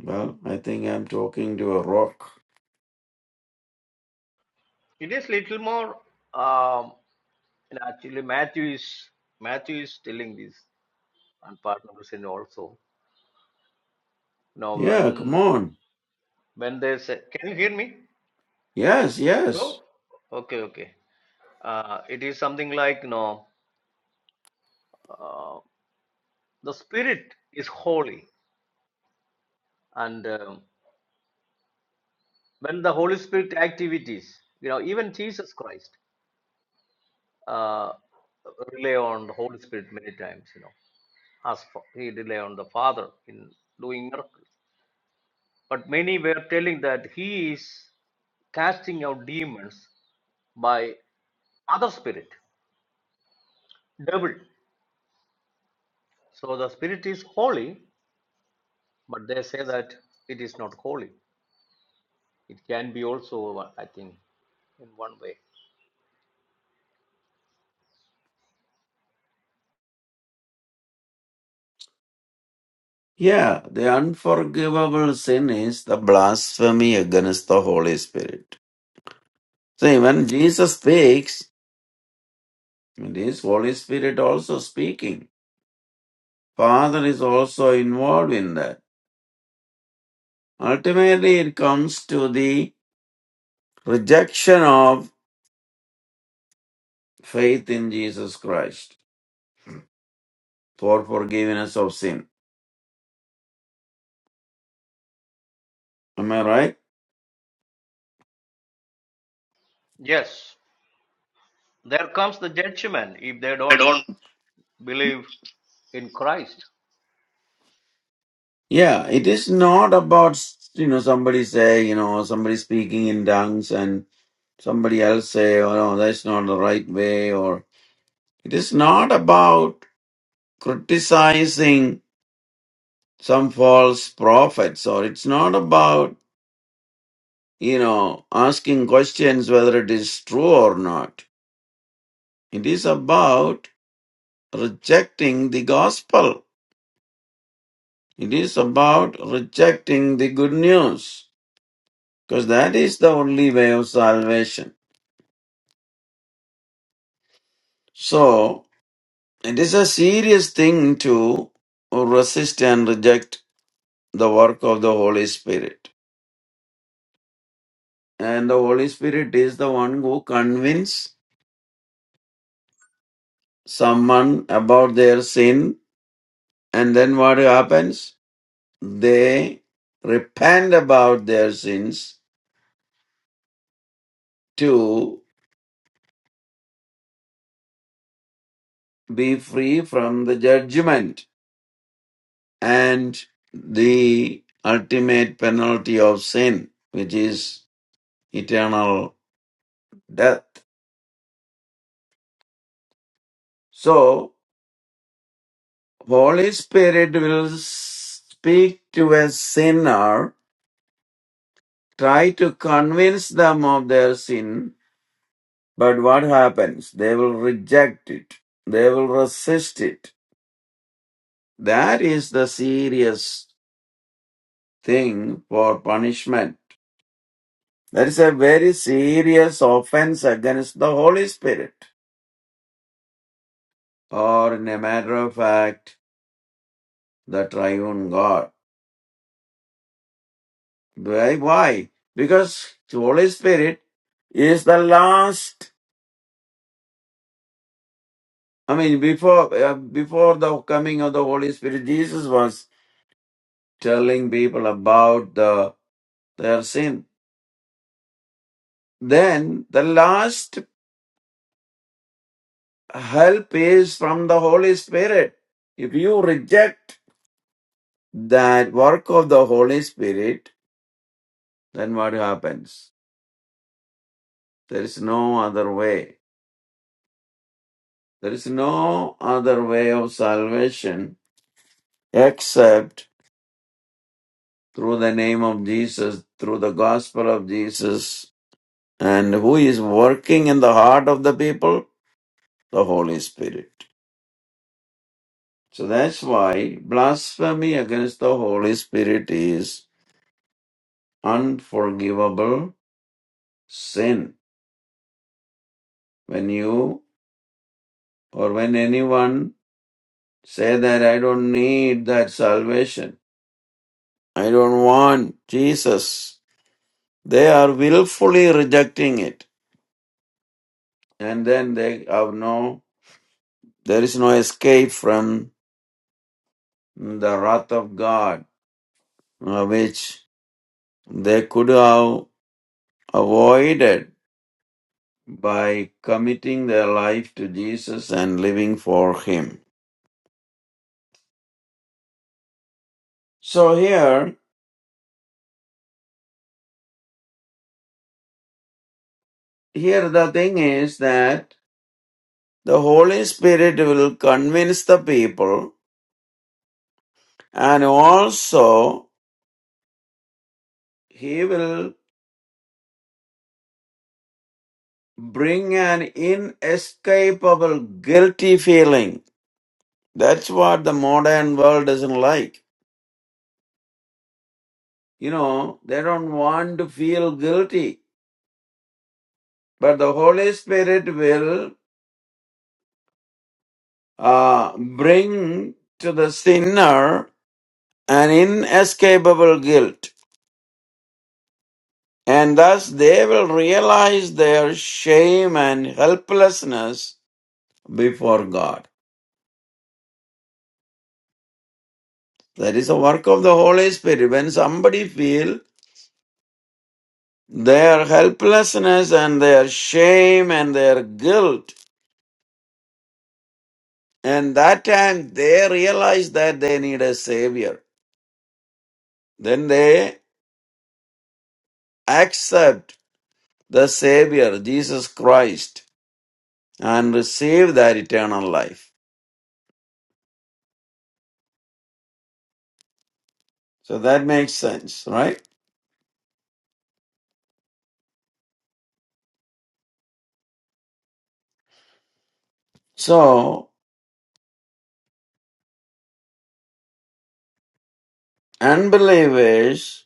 Speaker 3: Well, I think I'm talking to a rock.
Speaker 2: it is little more um and actually matthew is matthew is telling this and part of the sin also Now,
Speaker 3: Yeah, come
Speaker 2: when
Speaker 3: on.
Speaker 2: when they say can you hear me
Speaker 3: Yes,
Speaker 2: no
Speaker 3: yes.
Speaker 2: okay okay uh, it is something like no uh, the spirit is holy and um, when the holy spirit activities you know even jesus christ uh, rely on the holy spirit many times you know as for, he rely on the father in doing miracles but many were telling that he is casting out demons by other spirit devil so the spirit is holy but they say that it is not holy. It can be also, uh, I think, in one way.
Speaker 3: Yeah, the unforgivable sin is the blasphemy against the Holy Spirit. See, when Jesus speaks, it is Holy Spirit also speaking. Father is also involved in that. Ultimately, it comes to the rejection of faith in Jesus Christ for forgiveness of sin. Am I right?
Speaker 2: Yes, there comes the judgment if they
Speaker 3: I
Speaker 2: don't
Speaker 3: don't.
Speaker 2: believe. In Christ,
Speaker 3: Yeah, it is not about, you know, somebody say, you know, somebody speaking in tongues and somebody else say, oh no, that's not the right way, or it is not about criticizing some false prophets, or it's not about you know, asking questions whether it is true or not. It is about rejecting the gospel. It is about rejecting the good news because that is the only way of salvation. So, it is a serious thing to resist and reject the work of the Holy Spirit. And the Holy Spirit is the one who convinces someone about their sin. And then what happens? they repent about their sins to be free from the judgment and the ultimate penalty of sin, which is eternal death. So, Holy Spirit will speak to a sinner, try to convince them of their sin, but what happens? They will reject it. They will resist it. That is the serious thing for punishment. That is a very serious offense against the Holy Spirit, or in a matter of fact, the triune God. Why? Why? Because the Holy Spirit is the last. I mean, before uh, before the coming of the Holy Spirit, Jesus was telling people about the their sin. Then the last help is from the Holy Spirit. If you reject that work of the Holy Spirit, then what happens? There is no other way. There is no other way of salvation except through the name of Jesus, through the gospel of Jesus. And who is working in the heart of the people? The Holy Spirit. So that's why blasphemy against the Holy Spirit is unforgivable sin. When you or when anyone Say that I don't need that salvation. I don't want Jesus. They are willfully rejecting it. And then they have no, there is no escape from the wrath of God, uh, which they could have avoided by committing their life to Jesus and living for Him. So here, here the thing is that the Holy Spirit will convince the people and also he will bring an inescapable guilty feeling. That's what the modern world doesn't like. You know, they don't want to feel guilty, but the Holy Spirit will uh, bring to the sinner an inescapable guilt. And thus they will realize their shame and helplessness before God. That is a work of the Holy Spirit. When somebody feel their helplessness and their shame and their guilt, and that time they realize that they need a Savior, then they accept the Savior, Jesus Christ, and receive that eternal life. So that makes sense, right? So, unbelievers,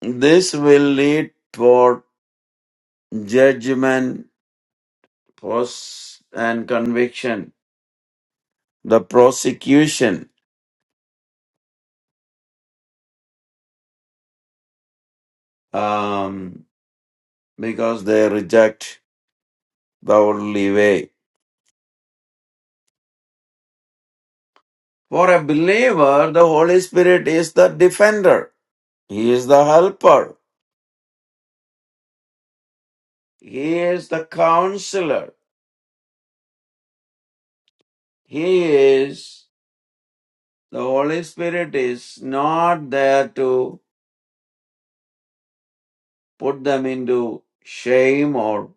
Speaker 3: this will lead toward judgment, post and conviction the prosecution um, because they reject the worldly way. For a believer, the Holy Spirit is the defender, He is the helper, He is the counselor, He is the Holy Spirit is not there to put them into shame or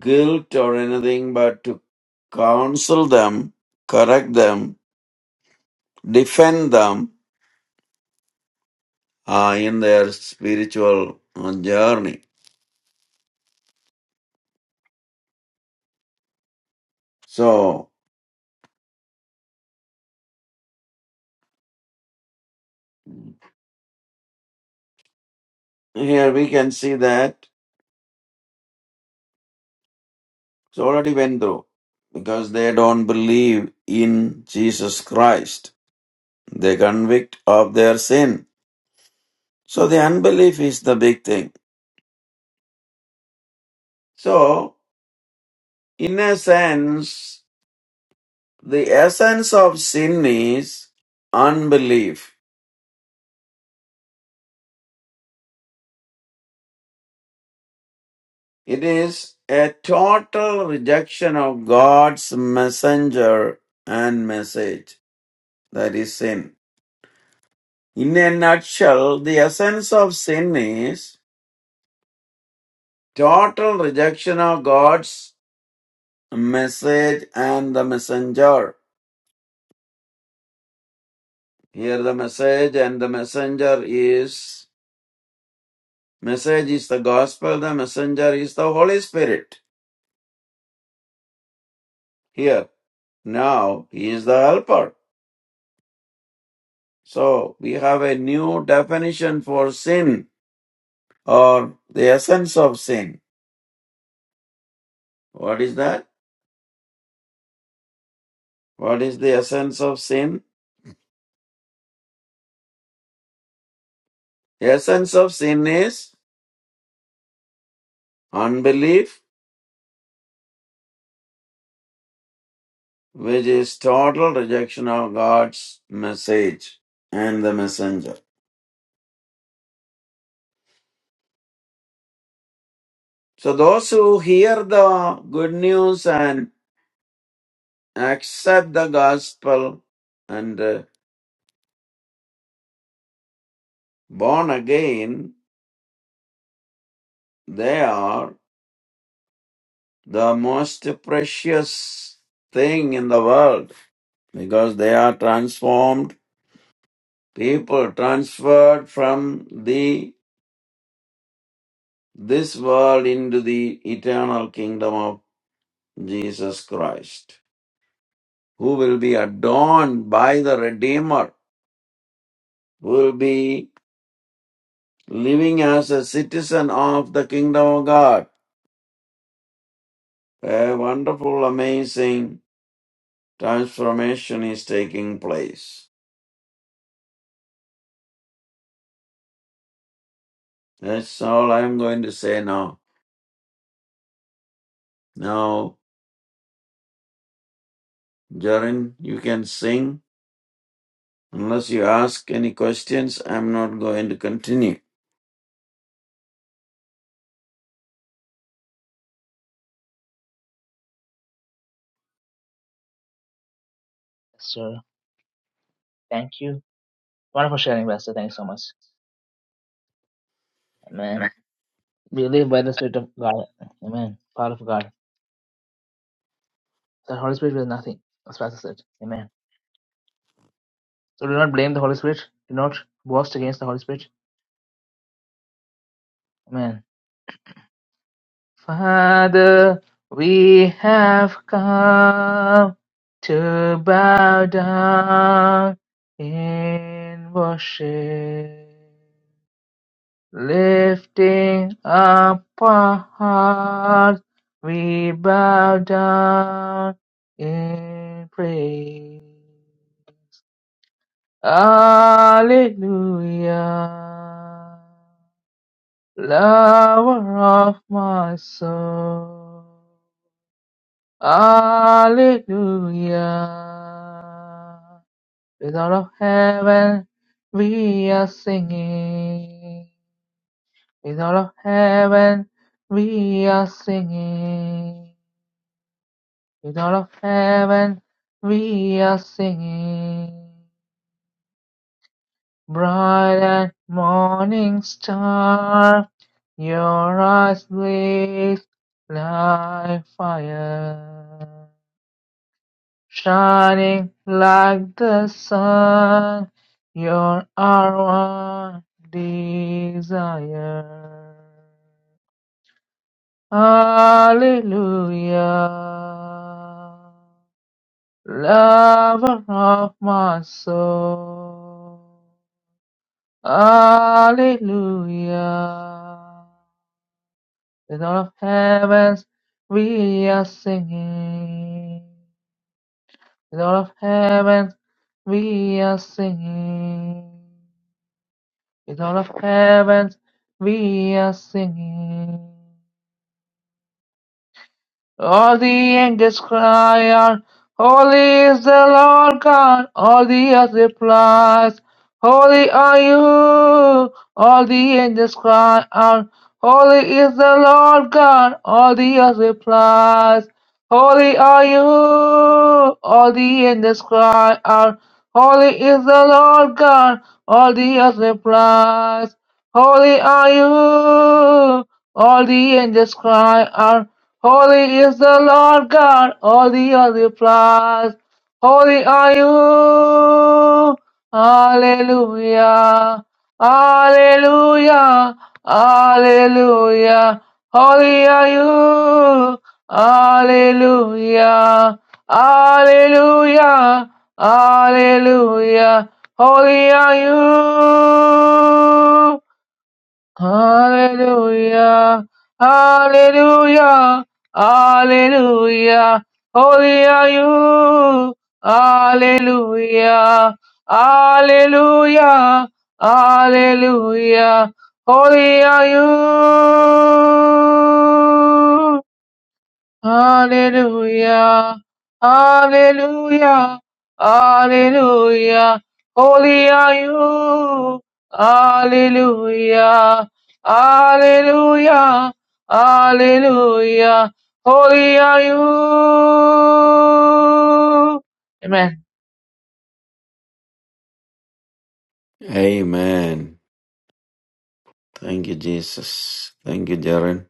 Speaker 3: guilt or anything, but to counsel them, correct them, defend them, uh, in their spiritual uh, journey. So here we can see that it's already went through because they don't believe in Jesus Christ. They convict of their sin. So the unbelief is the big thing. So in a sense, the essence of sin is unbelief. It is a total rejection of God's messenger and message. That is sin. In a nutshell, the essence of sin is total rejection of God's message and the messenger. Here the message and the messenger is message is the gospel, the messenger is the Holy Spirit. Here now he is the helper. So we have a new definition for sin or the essence of sin. What is that? What is the essence of sin? The essence of sin is unbelief, which is total rejection of God's message and the messenger. So those who hear the good news and accept the gospel and uh, born again, they are the most precious thing in the world because they are transformed people transferred from the this world into the eternal kingdom of Jesus Christ. who will be adorned by the Redeemer, who will be living as a citizen of the kingdom of God. A wonderful, amazing transformation is taking place. That's all I'm going to say now. Now, Jaren, you can sing. Unless you ask any questions, I'm not going to continue.
Speaker 1: So thank you. Wonderful sharing, Pastor. Thank you so much. Amen. We live by the Spirit of God. Amen. Power of God. The Holy Spirit is nothing, as Pastor said. Amen. So do not blame the Holy Spirit. Do not boast against the Holy Spirit. Amen. Father, we have come to bow down in worship, lifting up our hearts, we bow down in praise. Hallelujah, lover of my soul. Hallelujah. With all of heaven we are singing. With all of heaven we are singing. With all of heaven we are singing. Bright and morning star, your eyes blaze like fire. Shining like the sun, you're our one desire. Hallelujah, lover of my soul. Hallelujah, with all of heavens we are singing. With all of heavens we are singing. With all of heaven we are singing. All the angels cry out, Holy is the Lord God. All the earth replies, Holy are you. All the angels cry out, Holy is the Lord God. All the earth replies, Holy are you. All the angels cry out, Holy is the Lord God. All the earth replies, Holy are you. All the angels cry out, Holy is the Lord God, all the earth applause. Holy are you. Hallelujah. Hallelujah. Hallelujah. Holy are you. Hallelujah. Hallelujah. Hallelujah. Holy are you. Hallelujah, hallelujah, hallelujah. Holy are you, hallelujah, hallelujah, hallelujah. Holy are you. Hallelujah, hallelujah, hallelujah. Holy are you. Hallelujah, hallelujah, hallelujah. Holy are you. Amen.
Speaker 3: Amen. Thank you, Jesus. Thank you, Jaren.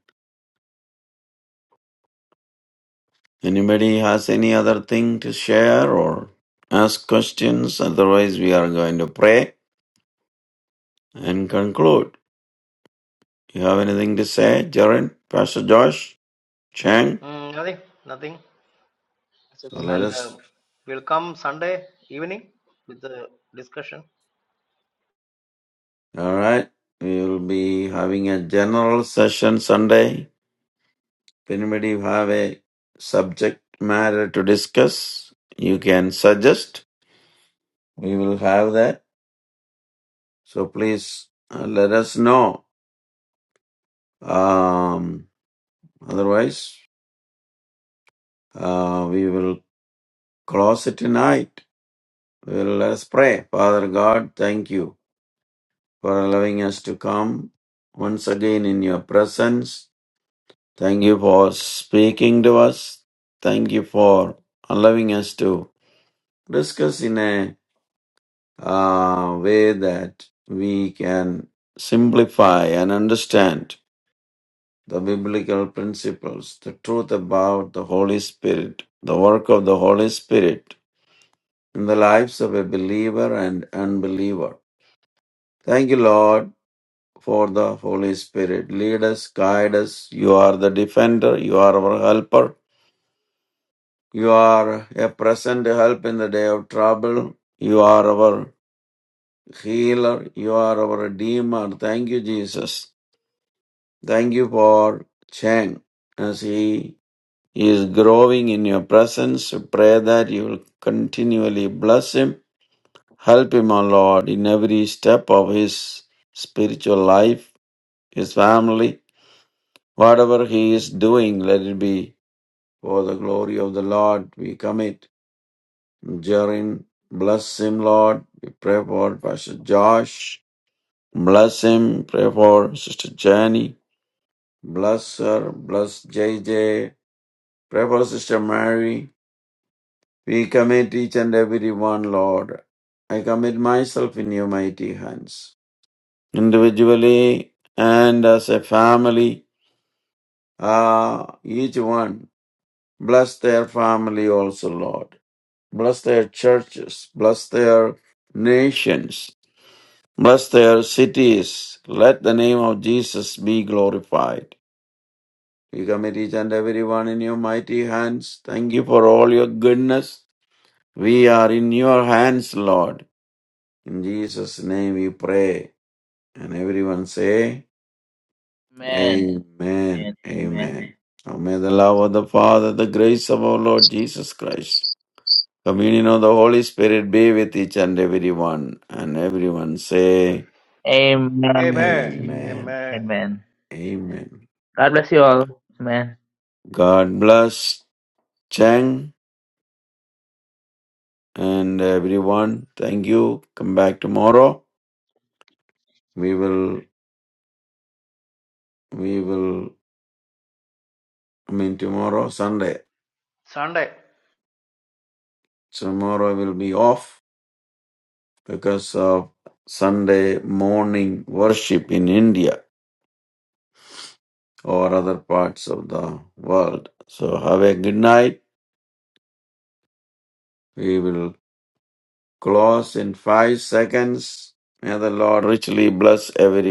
Speaker 3: Anybody has any other thing to share or ask questions? Otherwise, we are going to pray and conclude. You have anything to say, Jared, Pastor Josh, Chang?
Speaker 2: Mm, nothing, nothing.
Speaker 1: So
Speaker 3: So
Speaker 1: thank
Speaker 3: let
Speaker 1: you.
Speaker 2: And
Speaker 3: us.
Speaker 2: um, we'll come Sunday evening with the discussion.
Speaker 3: All right. We will be having a general session Sunday. If anybody have a subject matter to discuss, you can suggest. We will have that. So please uh, let us know. Um, otherwise, uh, we will close it tonight. Well, let us pray. Father God, thank you for allowing us to come once again in your presence. Thank you for speaking to us. Thank you for allowing us to discuss in a uh, way that we can simplify and understand the biblical principles, the truth about the Holy Spirit, the work of the Holy Spirit in the lives of a believer and unbeliever. Thank you, Lord, for the Holy Spirit. Lead us, guide us. You are the defender. You are our helper. You are a present help in the day of trouble. You are our healer. You are our redeemer. Thank you, Jesus. Thank you for Chang as he is growing in your presence. We pray that you will continually bless him. Help him, O Lord, in every step of his spiritual life, his family Whatever he is doing, let it be for the glory of the Lord. We commit Jarin. Bless him, Lord. We pray for Pastor Josh. Bless him. Pray for Sister Jenny. Bless her. Bless J J. Pray for Sister Mary. We commit each and every one, Lord. I commit myself in your mighty hands. Individually and as a family, Ah, each one. Bless their family also, Lord. Bless their churches. Bless their nations. Bless their cities. Let the name of Jesus be glorified. We commit each and everyone in your mighty hands. Thank you for all your goodness. We are in your hands, Lord. In Jesus' name we pray. And everyone say,
Speaker 1: Amen.
Speaker 3: Amen.
Speaker 1: Amen.
Speaker 3: Amen. Now may the love of the Father, the grace of our Lord Jesus Christ Communion of the Holy Spirit be with each and every one. And everyone say,
Speaker 1: Amen.
Speaker 2: Amen.
Speaker 1: Amen.
Speaker 3: Amen.
Speaker 2: Amen.
Speaker 1: Amen.
Speaker 3: Amen.
Speaker 1: God bless you all. Amen.
Speaker 3: God bless Cheng and everyone. Thank you. Come back tomorrow. We will, we will, I mean, tomorrow, Sunday.
Speaker 2: Sunday.
Speaker 3: Tomorrow will be off because of Sunday morning worship in India or other parts of the world. So have a good night. We will close in five seconds. May the Lord richly bless everyone.